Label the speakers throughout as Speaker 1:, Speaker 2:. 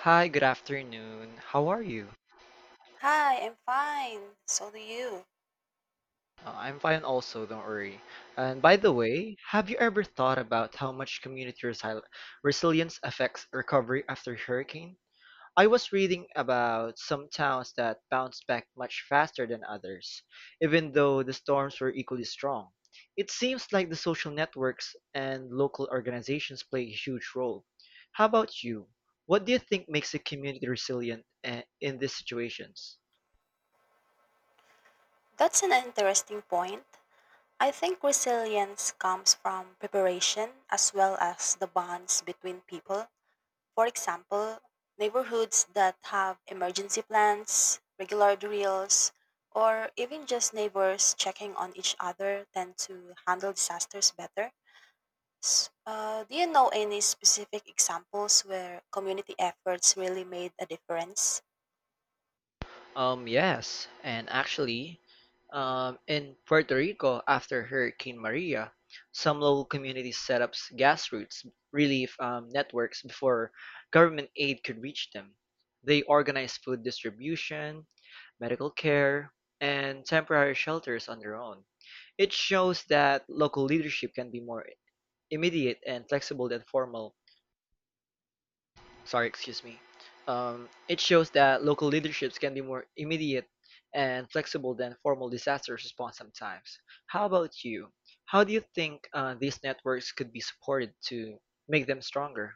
Speaker 1: Hi, good afternoon. How are you?
Speaker 2: Hi, I'm fine. So do you.
Speaker 1: I'm fine also, don't worry. And by the way, have you ever thought about how much community resi resilience affects recovery after hurricane? I was reading about some towns that bounced back much faster than others, even though the storms were equally strong. It seems like the social networks and local organizations play a huge role. How about you? What do you think makes a community resilient in these situations?
Speaker 2: That's an interesting point. I think resilience comes from preparation as well as the bonds between people. For example, neighborhoods that have emergency plans, regular drills, or even just neighbors checking on each other tend to handle disasters better. Do you know any specific examples where community efforts really made a difference?
Speaker 1: Yes, and actually, in Puerto Rico after Hurricane Maria, some local communities set up grassroots relief networks before government aid could reach them. They organized food distribution, medical care, and temporary shelters on their own. It shows that local leadership can be more immediate and flexible than formal sorry, excuse me. It shows that local leaderships can be more immediate and flexible than formal disaster response sometimes. How about you? How do you think these networks could be supported to make them stronger?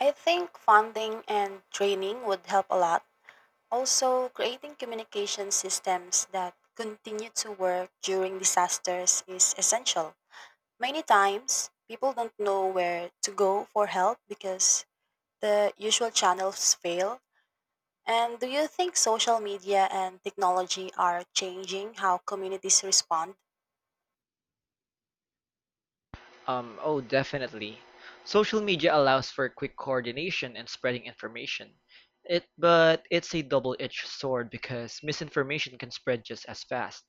Speaker 2: I think funding and training would help a lot. Also, creating communication systems that continue to work during disasters is essential. Many times, people don't know where to go for help because the usual channels fail. And do you think social media and technology are changing how communities respond?
Speaker 1: Oh, definitely. Social media allows for quick coordination and spreading information. It, but it's a double-edged sword because misinformation can spread just as fast.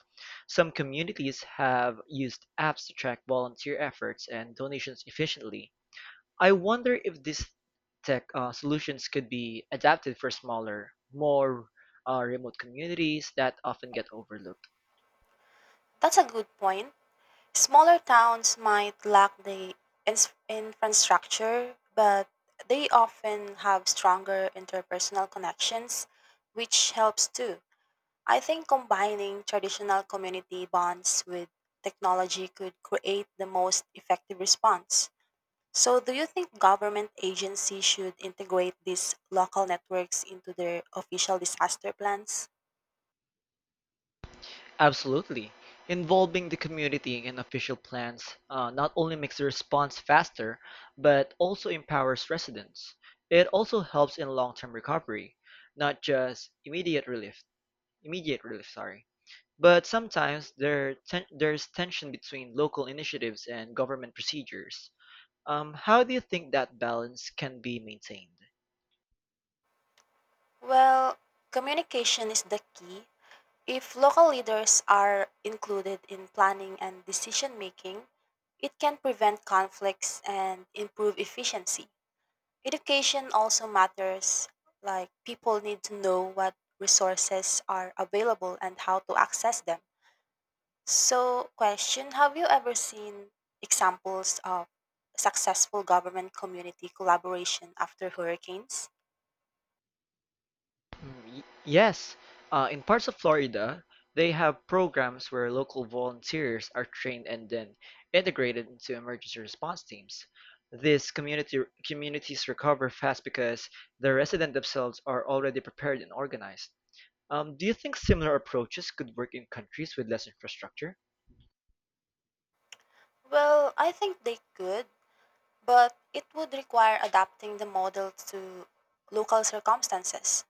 Speaker 1: Some communities have used apps to track volunteer efforts and donations efficiently. I wonder if these tech solutions could be adapted for smaller, more remote communities that often get overlooked.
Speaker 2: That's a good point. Smaller towns might lack the infrastructure, but they often have stronger interpersonal connections, which helps too. I think combining traditional community bonds with technology could create the most effective response. So, do you think government agencies should integrate these local networks into their official disaster plans?
Speaker 1: Absolutely. Involving the community in official plans not only makes the response faster, but also empowers residents. It also helps in long-term recovery, not just immediate relief. Immediate relief, sorry. But sometimes there's tension between local initiatives and government procedures. How do you think that balance can be maintained?
Speaker 2: Well, communication is the key. If local leaders are included in planning and decision making, it can prevent conflicts and improve efficiency. Education also matters, like people need to know what resources are available and how to access them. So, question, have you ever seen examples of successful government community collaboration after hurricanes?
Speaker 1: Yes, in parts of Florida, they have programs where local volunteers are trained and then integrated into emergency response teams. These community communities recover fast because the residents themselves are already prepared and organized. Do you think similar approaches could work in countries with less infrastructure?
Speaker 2: Well, I think they could. But it would require adapting the model to local circumstances.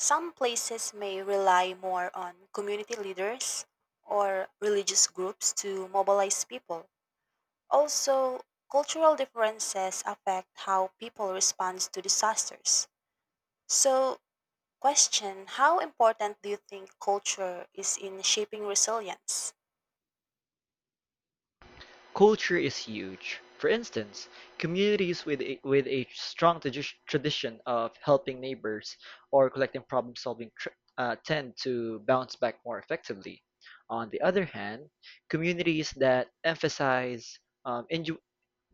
Speaker 2: Some places may rely more on community leaders or religious groups to mobilize people. Also, cultural differences affect how people respond to disasters. So, question, how important do you think culture is in shaping resilience?
Speaker 1: Culture is huge. For instance, communities with a tradition of helping neighbors or collective problem solving tend to bounce back more effectively. On the other hand, communities that emphasize um, indi-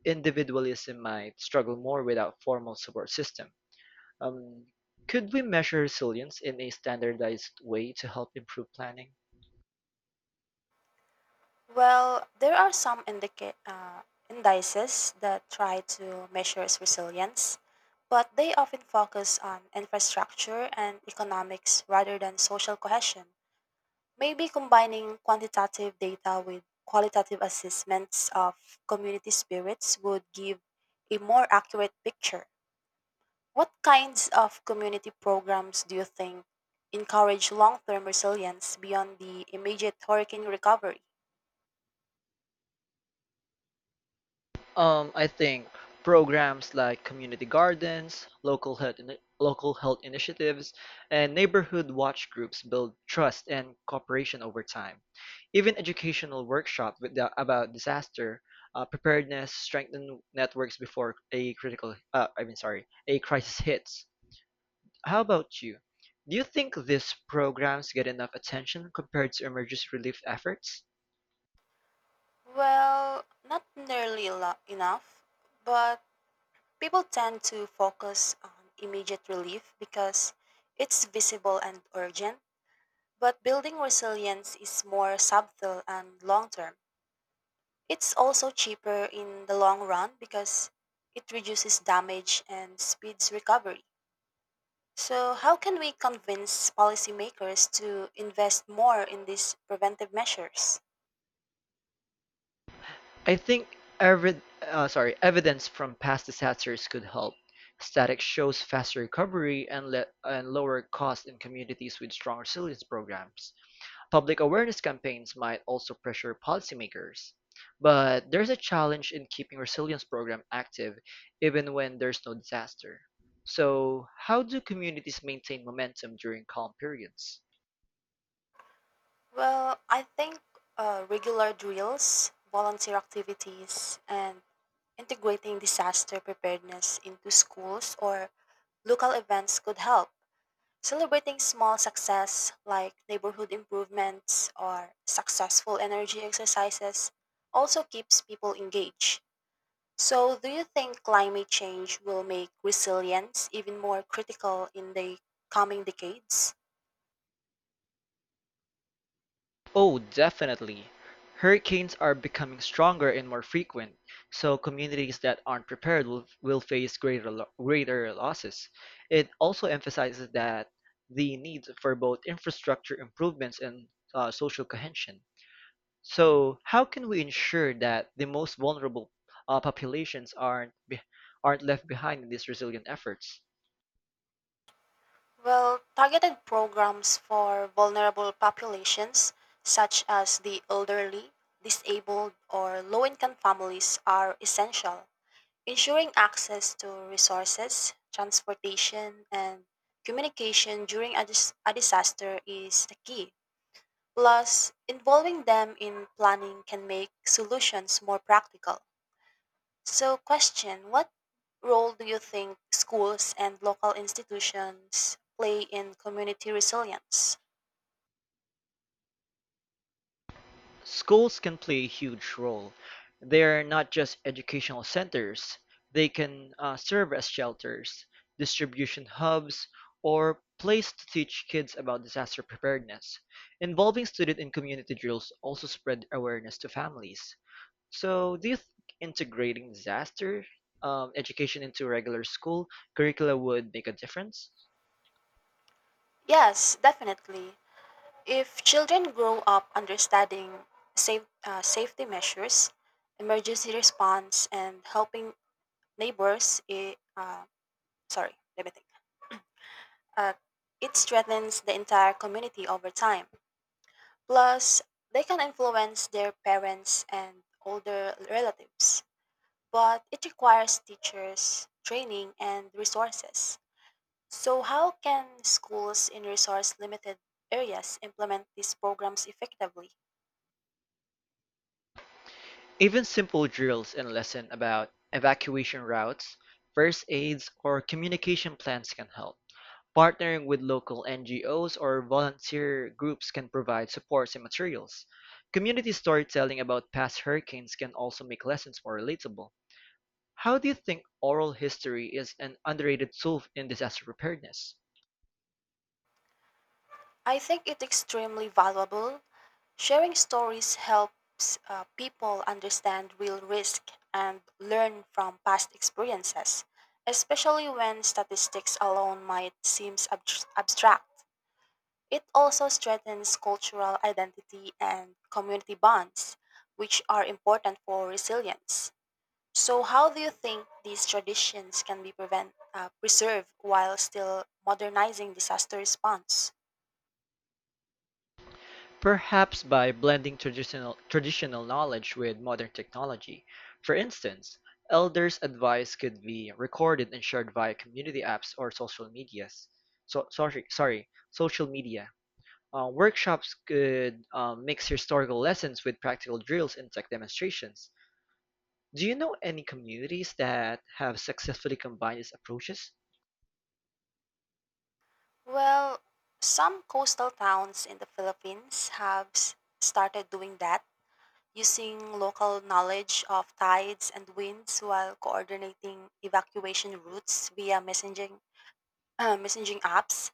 Speaker 1: individualism might struggle more without formal support system. Um, could we measure resilience in a standardized way to help improve planning?
Speaker 2: Well, there are some indices that try to measure its resilience, but they often focus on infrastructure and economics rather than social cohesion. Maybe combining quantitative data with qualitative assessments of community spirits would give a more accurate picture. What kinds of community programs do you think encourage long term resilience beyond the immediate hurricane recovery?
Speaker 1: I think programs like community gardens, local health initiatives, and neighborhood watch groups build trust and cooperation over time. Even educational workshops about disaster preparedness strengthen networks before a critical, I mean, sorry, a crisis hits. How about you? Do you think these programs get enough attention compared to emergency relief efforts?
Speaker 2: Well, not nearly enough, but people tend to focus on immediate relief because it's visible and urgent. But building resilience is more subtle and long term. It's also cheaper in the long run because it reduces damage and speeds recovery. So, how can we convince policymakers to invest more in these preventive measures?
Speaker 1: I think evidence from past disasters could help. Static shows faster recovery and lower cost in communities with strong resilience programs. Public awareness campaigns might also pressure policymakers. But there's a challenge in keeping resilience program active even when there's no disaster. So, how do communities maintain momentum during calm periods?
Speaker 2: Well, I think regular drills, volunteer activities, and integrating disaster preparedness into schools or local events could help. Celebrating small success like neighborhood improvements or successful energy exercises also keeps people engaged. So, do you think climate change will make resilience even more critical in the coming decades?
Speaker 1: Oh, definitely. Hurricanes are becoming stronger and more frequent, so communities that aren't prepared will face greater losses. It also emphasizes that the need for both infrastructure improvements and social cohesion. So, how can we ensure that the most vulnerable populations aren't left behind in these resilient efforts?
Speaker 2: Well, targeted programs for vulnerable populations, such as the elderly, disabled, or low income families, are essential. Ensuring access to resources, transportation, and communication during a disaster is the key. Plus, involving them in planning can make solutions more practical. So, question, what role do you think schools and local institutions play in community resilience?
Speaker 1: Schools can play a huge role. They're not just educational centers, they can serve as shelters, distribution hubs, or place to teach kids about disaster preparedness. Involving student and community drills also spread awareness to families. So, do you think integrating disaster education into regular school curricula would make a difference?
Speaker 2: Yes, definitely. If children grow up understanding safety measures, emergency response, and helping neighbors, it, sorry, let me think. Uh, it strengthens the entire community over time. Plus, they can influence their parents and older relatives but it requires teachers, training, and resources. So, how can schools in resource limited areas implement these programs effectively?
Speaker 1: Even simple drills and lessons about evacuation routes, first aids, or communication plans can help. Partnering with local NGOs or volunteer groups can provide supports and materials. Community storytelling about past hurricanes can also make lessons more relatable. How do you think oral history is an underrated tool in disaster preparedness?
Speaker 2: I think it's extremely valuable. Sharing stories helps people understand real risk and learn from past experiences, especially when statistics alone might seem abstract. It also strengthens cultural identity and community bonds, which are important for resilience. So, how do you think these traditions can be preserved while still modernizing disaster response?
Speaker 1: Perhaps by blending traditional knowledge with modern technology. For instance, elders' advice could be recorded and shared via community apps or social medias. Social media. Workshops could mix historical lessons with practical drills and tech demonstrations. Do you know any communities that have successfully combined these approaches?
Speaker 2: Well, some coastal towns in the Philippines have started doing that, using local knowledge of tides and winds while coordinating evacuation routes via messaging apps.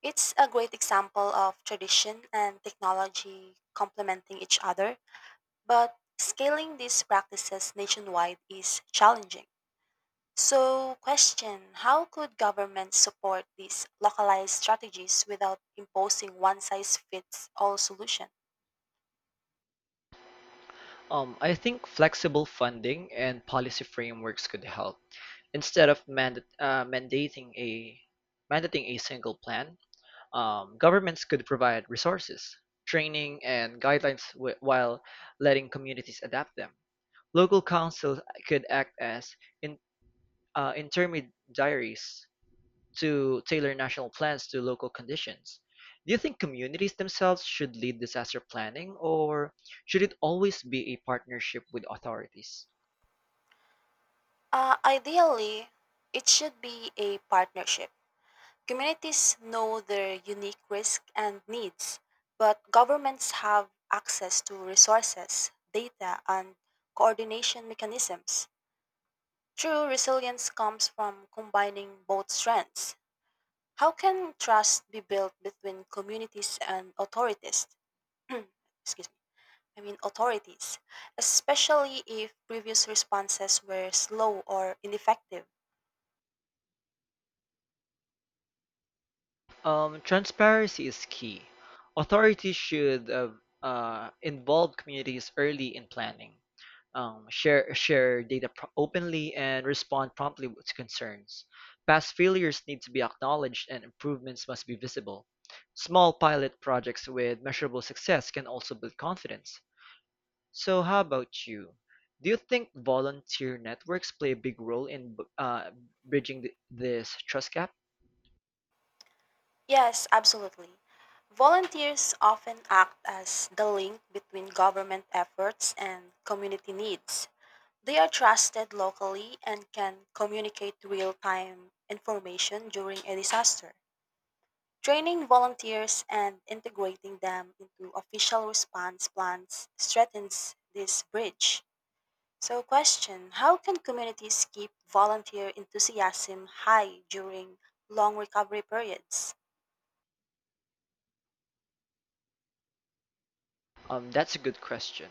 Speaker 2: It's a great example of tradition and technology complementing each other, but scaling these practices nationwide is challenging. So, question, how could governments support these localized strategies without imposing one size fits all solution?
Speaker 1: I think flexible funding and policy frameworks could help. Instead of mandating a single plan, governments could provide resources, training, and guidelines while letting communities adapt them. Local councils could act as in, intermediaries to tailor national plans to local conditions. Do you think communities themselves should lead disaster planning, or should it always be a partnership with authorities?
Speaker 2: Ideally, it should be a partnership. Communities know their unique risks and needs, but governments have access to resources, data, and coordination mechanisms. True resilience comes from combining both strengths. How can trust be built between communities and authorities? Excuse me. I mean authorities, especially if previous responses were slow or ineffective.
Speaker 1: Transparency is key. Authorities should involve communities early in planning, share data openly, and respond promptly to concerns. Past failures need to be acknowledged, and improvements must be visible. Small pilot projects with measurable success can also build confidence. So, how about you? Do you think volunteer networks play a big role in bridging this trust gap?
Speaker 2: Yes, absolutely. Volunteers often act as the link between government efforts and community needs. They are trusted locally and can communicate real time information during a disaster. Training volunteers and integrating them into official response plans strengthens this bridge. So, question, how can communities keep volunteer enthusiasm high during long recovery periods?
Speaker 1: That's a good question.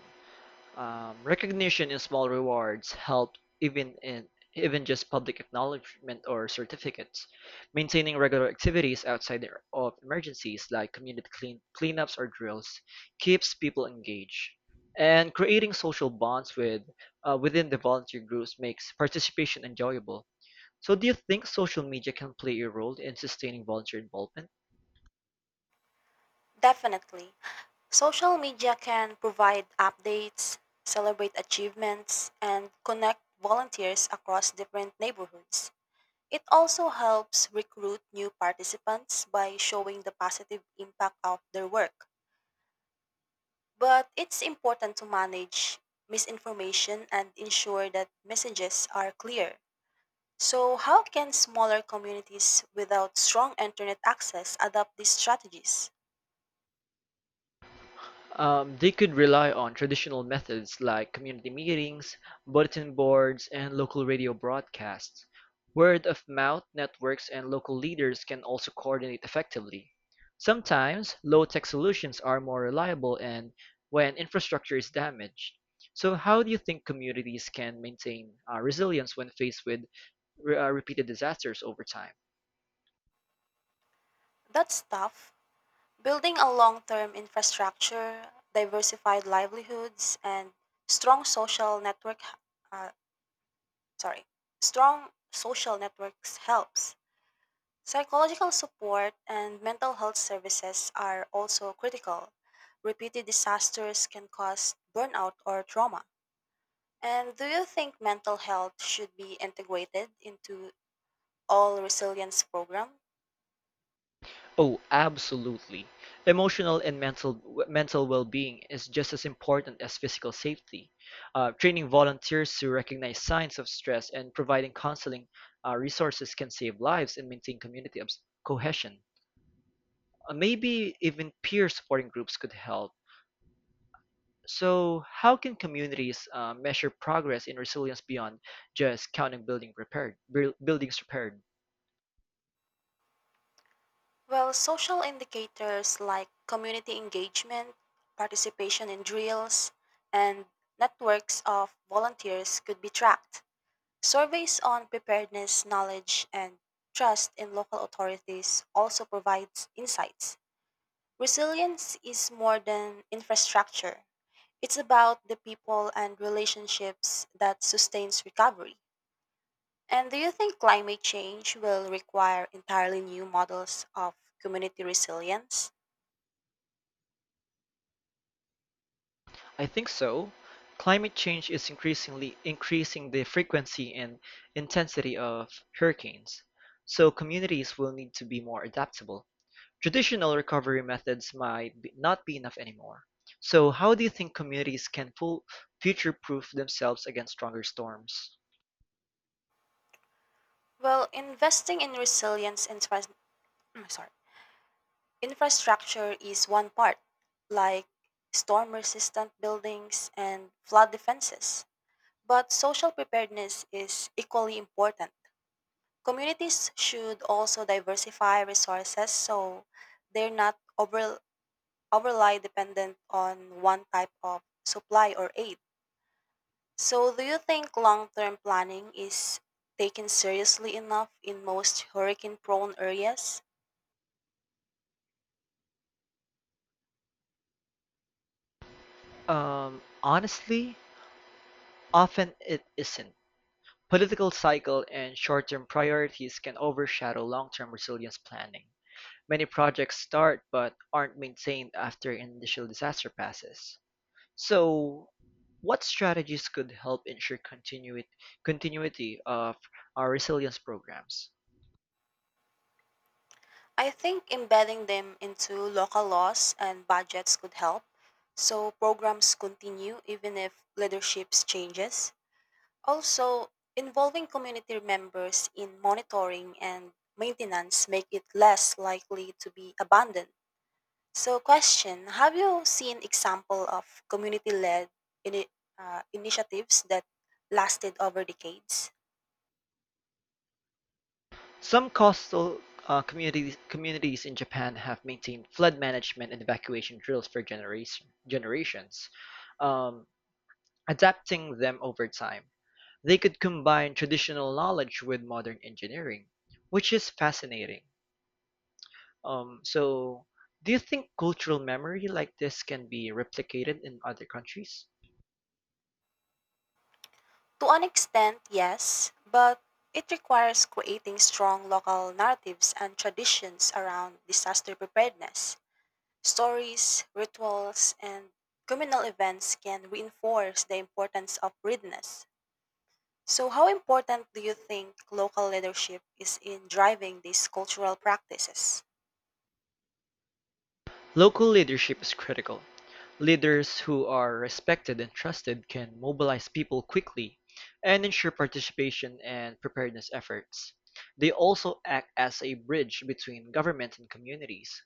Speaker 1: Recognition and small rewards help even in even just public acknowledgement or certificates. Maintaining regular activities outside of emergencies like community cleanups or drills keeps people engaged. And creating social bonds with within the volunteer groups makes participation enjoyable. So do you think social media can play a role in sustaining volunteer involvement?
Speaker 2: Definitely. Social media can provide updates, celebrate achievements, and connect volunteers across different neighborhoods. It also helps recruit new participants by showing the positive impact of their work. But it's important to manage misinformation and ensure that messages are clear. So, how can smaller communities without strong internet access adopt these strategies?
Speaker 1: They could rely on traditional methods like community meetings, bulletin boards, and local radio broadcasts. Word of mouth networks and local leaders can also coordinate effectively. Sometimes, low tech solutions are more reliable and when infrastructure is damaged. So, how do you think communities can maintain resilience when faced with repeated disasters over time?
Speaker 2: That's tough. Building a long term infrastructure, diversified livelihoods, and strong social network, uh, sorry, strong social networks helps. Psychological support and mental health services are also critical. Repeated disasters can cause burnout or trauma. And do you think mental health should be integrated into all resilience programs?
Speaker 1: Oh, absolutely. Emotional and mental well-being is just as important as physical safety. Training volunteers to recognize signs of stress and providing counseling resources can save lives and maintain cohesion. Maybe even peer supporting groups could help. So, how can communities measure progress in resilience beyond just counting buildings repaired?
Speaker 2: Well, social indicators like community engagement, participation in drills, and networks of volunteers could be tracked. Surveys on preparedness, knowledge, and trust in local authorities also provides insights. Resilience is more than infrastructure. It's about the people and relationships that sustains recovery. And do you think climate change will require entirely new models of community resilience?
Speaker 1: I think so. Climate change is increasingly increasing the frequency and intensity of hurricanes, so communities will need to be more adaptable. Traditional recovery methods not be enough anymore. So, how do you think communities can full future-proof themselves against stronger storms?
Speaker 2: Well, investing in resilience and trans- I sorry, infrastructure is one part, like storm resistant buildings and flood defenses. But social preparedness is equally important. Communities should also diversify resources so they're not over- overly dependent on one type of supply or aid. So, do you think long term planning is taken seriously enough in most hurricane prone areas?
Speaker 1: Honestly, often it isn't. Political cycle and short-term priorities can overshadow long-term resilience planning. Many projects start but aren't maintained after an initial disaster passes. So, what strategies could help ensure continuity of our resilience programs?
Speaker 2: I think embedding them into local laws and budgets could help so programs continue even if leadership changes. Also, involving community members in monitoring and maintenance make it less likely to be abandoned. So question, have you seen example of community-led ini- initiatives that lasted over decades?
Speaker 1: Some coastal communities communities in Japan have maintained flood management and evacuation drills for generations, um, adapting them over time. They could combine traditional knowledge with modern engineering, which is fascinating. So, do you think cultural memory like this can be replicated in other countries?
Speaker 2: To an extent, yes, but it requires creating strong local narratives and traditions around disaster preparedness. Stories, rituals, and communal events can reinforce the importance of readiness. So, how important do you think local leadership is in driving these cultural practices?
Speaker 1: Local leadership is critical. Leaders who are respected and trusted can mobilize people quickly and ensure participation and preparedness efforts. They also act as a bridge between government and communities.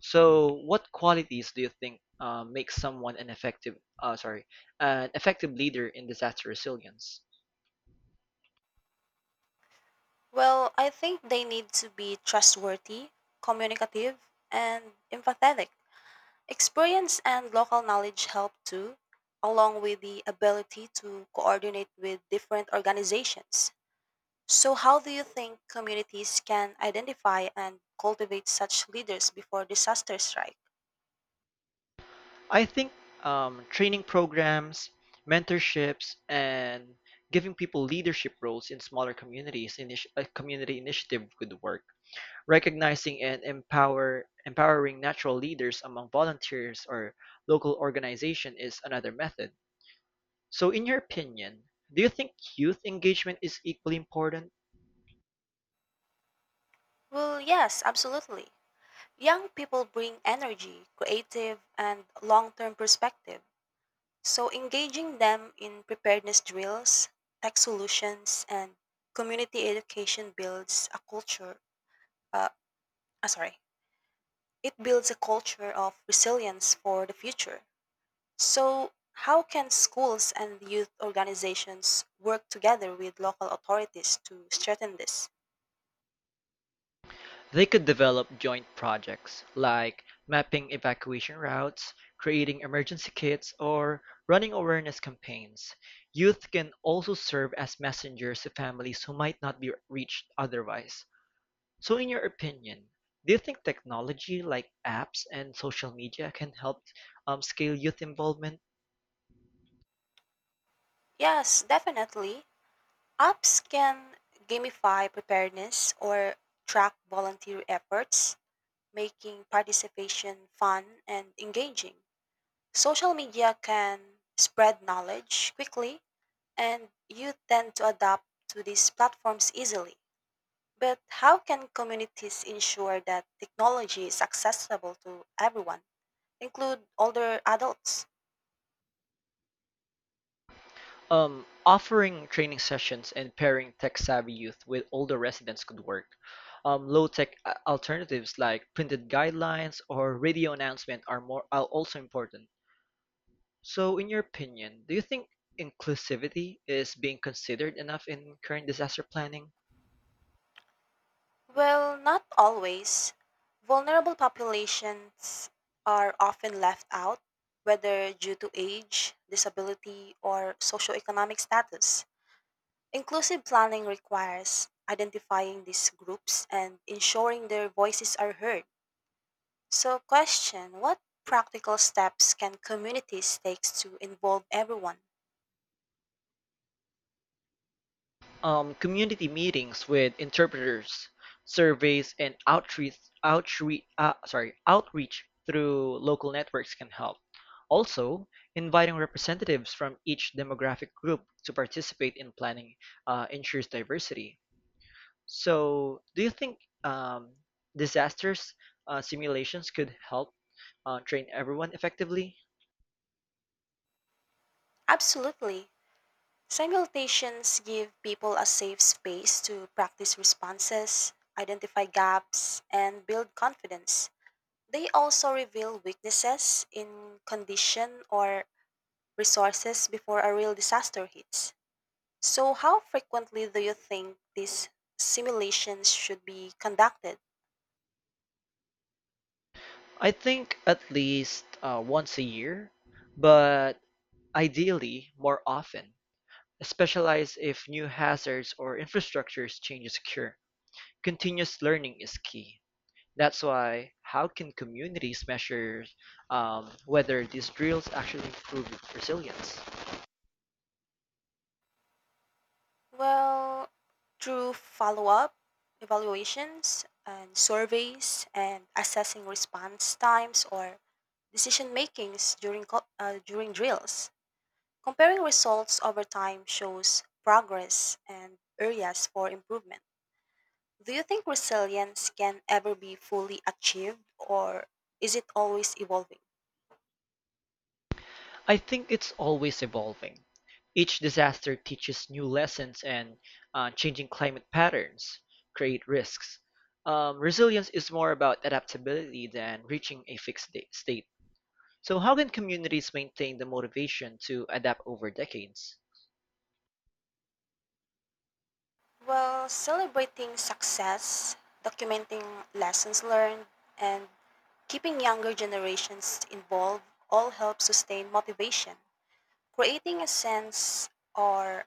Speaker 1: So, what qualities do you think make someone an effective leader in disaster resilience?
Speaker 2: Well, I think they need to be trustworthy, communicative, and empathetic. Experience and local knowledge help too, along with the ability to coordinate with different organizations. So, how do you think communities can identify and cultivate such leaders before disasters strike?
Speaker 1: I think training programs, mentorships, and giving people leadership roles in smaller a community initiative would work. Recognizing and empowering natural leaders among volunteers or local organization is another method. So in your opinion, do you think youth engagement is equally important?
Speaker 2: Well, yes, absolutely. Young people bring energy, creative, and long term perspective. So, engaging them in preparedness drills, tech solutions, and community education builds a culture, uh, ah, sorry, It builds a culture of resilience for the future. So, how can schools and youth organizations work together with local authorities to strengthen this?
Speaker 1: They could develop joint projects like mapping evacuation routes, creating emergency kits, or running awareness campaigns. Youth can also serve as messengers to families who might not be reached otherwise. So in your opinion, do you think technology like apps and social media can help scale youth involvement?
Speaker 2: Yes, definitely. Apps can gamify preparedness or track volunteer efforts, making participation fun and engaging. Social media can spread knowledge quickly, and youth tend to adapt to these platforms easily. But how can communities ensure that technology is accessible to everyone, include older adults?
Speaker 1: Offering training sessions and pairing tech-savvy youth with older residents could work. Alternatives like printed guidelines or radio announcement are more are also important. So in your opinion, do you think inclusivity is being considered enough in current disaster planning?
Speaker 2: Well, not always. Vulnerable populations are often left out, whether due to age, disability, or socioeconomic status. Inclusive planning requires identifying these groups and ensuring their voices are heard. So, question, what practical steps can communities take to involve everyone?
Speaker 1: Community meetings with interpreters, surveys, and outreach through local networks can help. Also, inviting representatives from each demographic group to participate in planning ensures diversity. So, do you think disasters simulations could help train everyone effectively?
Speaker 2: Absolutely. Simultations give people a safe space to practice responses, identify gaps, and build confidence. They also reveal weaknesses in condition or resources before a real disaster hits. So, how frequently do you think these simulations should be conducted?
Speaker 1: I think at least once a year, but ideally more often. Especially if new hazards or infrastructures changes occur. Continuous learning is key. That's why how can communities measure whether these drills actually improve resilience?
Speaker 2: Well, through follow up, evaluations, and surveys, and assessing response times or decision makings during drills. Comparing results over time shows progress and areas for improvement. Do you think resilience can ever be fully achieved or is it always evolving?
Speaker 1: I think it's always evolving. Each disaster teaches new lessons and changing climate patterns create risks. Resilience is more about adaptability than reaching a state. So, how can communities maintain the motivation to adapt over decades?
Speaker 2: Well, celebrating success, documenting lessons learned, and keeping younger generations involved all help sustain motivation. Creating a sense or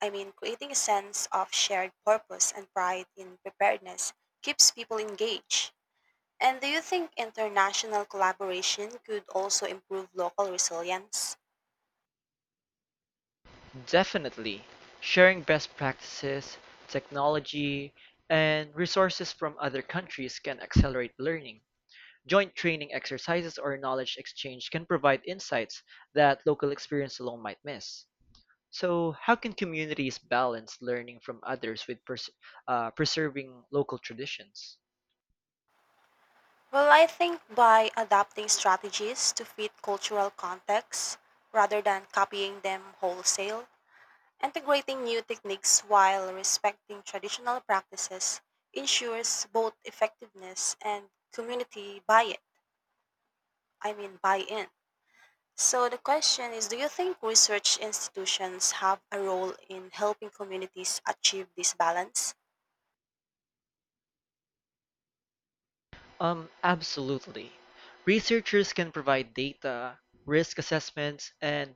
Speaker 2: Creating a sense of shared purpose and pride in preparedness keeps people engaged. And do you think international collaboration could also improve local resilience?
Speaker 1: Definitely. Sharing best practices, technology, and resources from other countries can accelerate learning. Joint training exercises or knowledge exchange can provide insights that local experience alone might miss. So, how can communities balance learning from others with preserving local traditions?
Speaker 2: Well, I think by adapting strategies to fit cultural contexts rather than copying them wholesale, integrating new techniques while respecting traditional practices ensures both effectiveness and community buy-in. So the question is, do you think research institutions have a role in helping communities achieve this balance?
Speaker 1: Absolutely. Researchers can provide data, risk assessments, and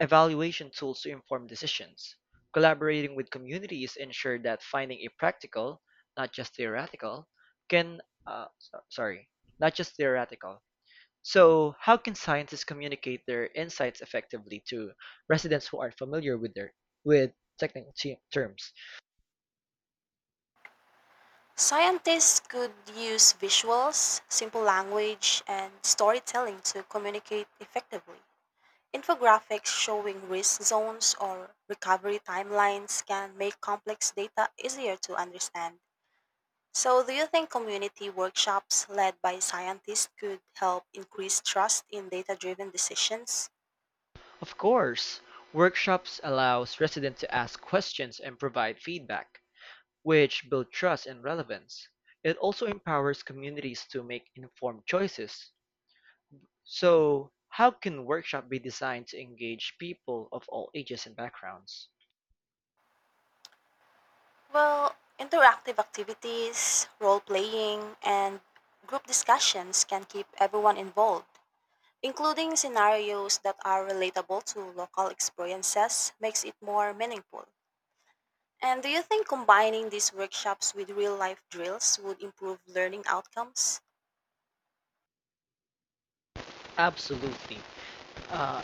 Speaker 1: evaluation tools to inform decisions. Collaborating with communities ensure that finding a practical, not just theoretical, can uh, so- sorry, not just theoretical, So, how can scientists communicate their insights effectively to residents who aren't familiar with their with technical terms?
Speaker 2: Scientists could use visuals, simple language, and storytelling to communicate effectively. Infographics showing risk zones or recovery timelines can make complex data easier to understand. So, do you think community workshops led by scientists could help increase trust in data driven decisions?
Speaker 1: Of course, workshops allows residents to ask questions and provide feedback, which build trust and relevance. It also empowers communities to make informed choices. So, how can workshop be designed to engage people of all ages and backgrounds?
Speaker 2: Well, interactive activities, role playing, and group discussions can keep everyone involved. Including scenarios that are relatable to local experiences makes it more meaningful. And do you think combining these workshops with real life drills would improve learning outcomes?
Speaker 1: Absolutely. uh,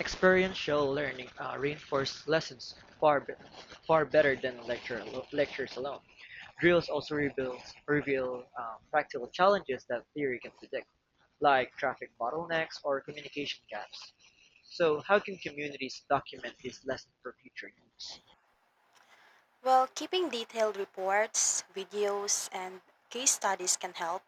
Speaker 1: Experiential learning reinforces lessons far better than lectures alone. Drills also reveals, reveal practical challenges that theory can predict, like traffic bottlenecks or communication gaps. So, how can communities document these lessons for future use?
Speaker 2: Well, keeping detailed reports, videos, and case studies can help.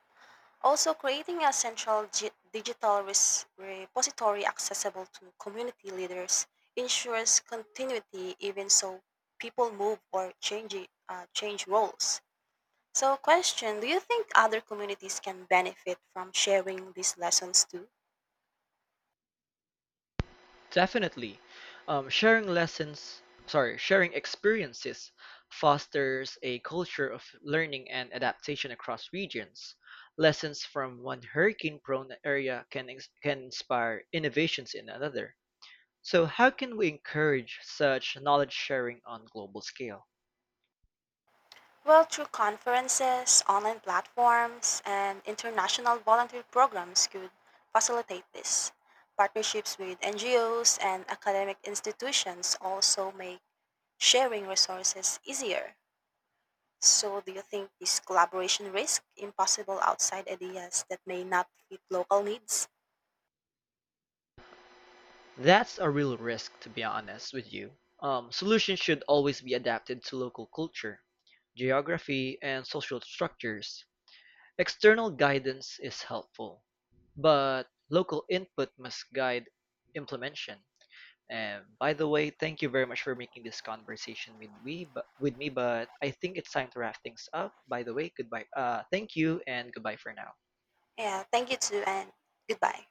Speaker 2: Also, creating a central digital repository accessible to community leaders ensures continuity even so people move or change roles. So, question, do you think other communities can benefit from sharing these lessons too?
Speaker 1: Definitely. Sharing experiences fosters a culture of learning and adaptation across regions. Lessons from one hurricane-prone area can inspire innovations in another. So how can we encourage such knowledge sharing on global scale?
Speaker 2: Well, through conferences, online platforms, and international volunteer programs could facilitate this. Partnerships with NGOs and academic institutions also make sharing resources easier. So, do you think this collaboration risk impossible outside ideas that may not fit local needs?
Speaker 1: That's a real risk, to be honest with you. Solutions should always be adapted to local culture, geography, and social structures. External guidance is helpful, but local input must guide implementation. And by the way, thank you very much for making this conversation with me. But with me, but I think it's time to wrap things up. By the way, goodbye. Thank you and goodbye for now.
Speaker 2: Yeah, thank you too, and goodbye.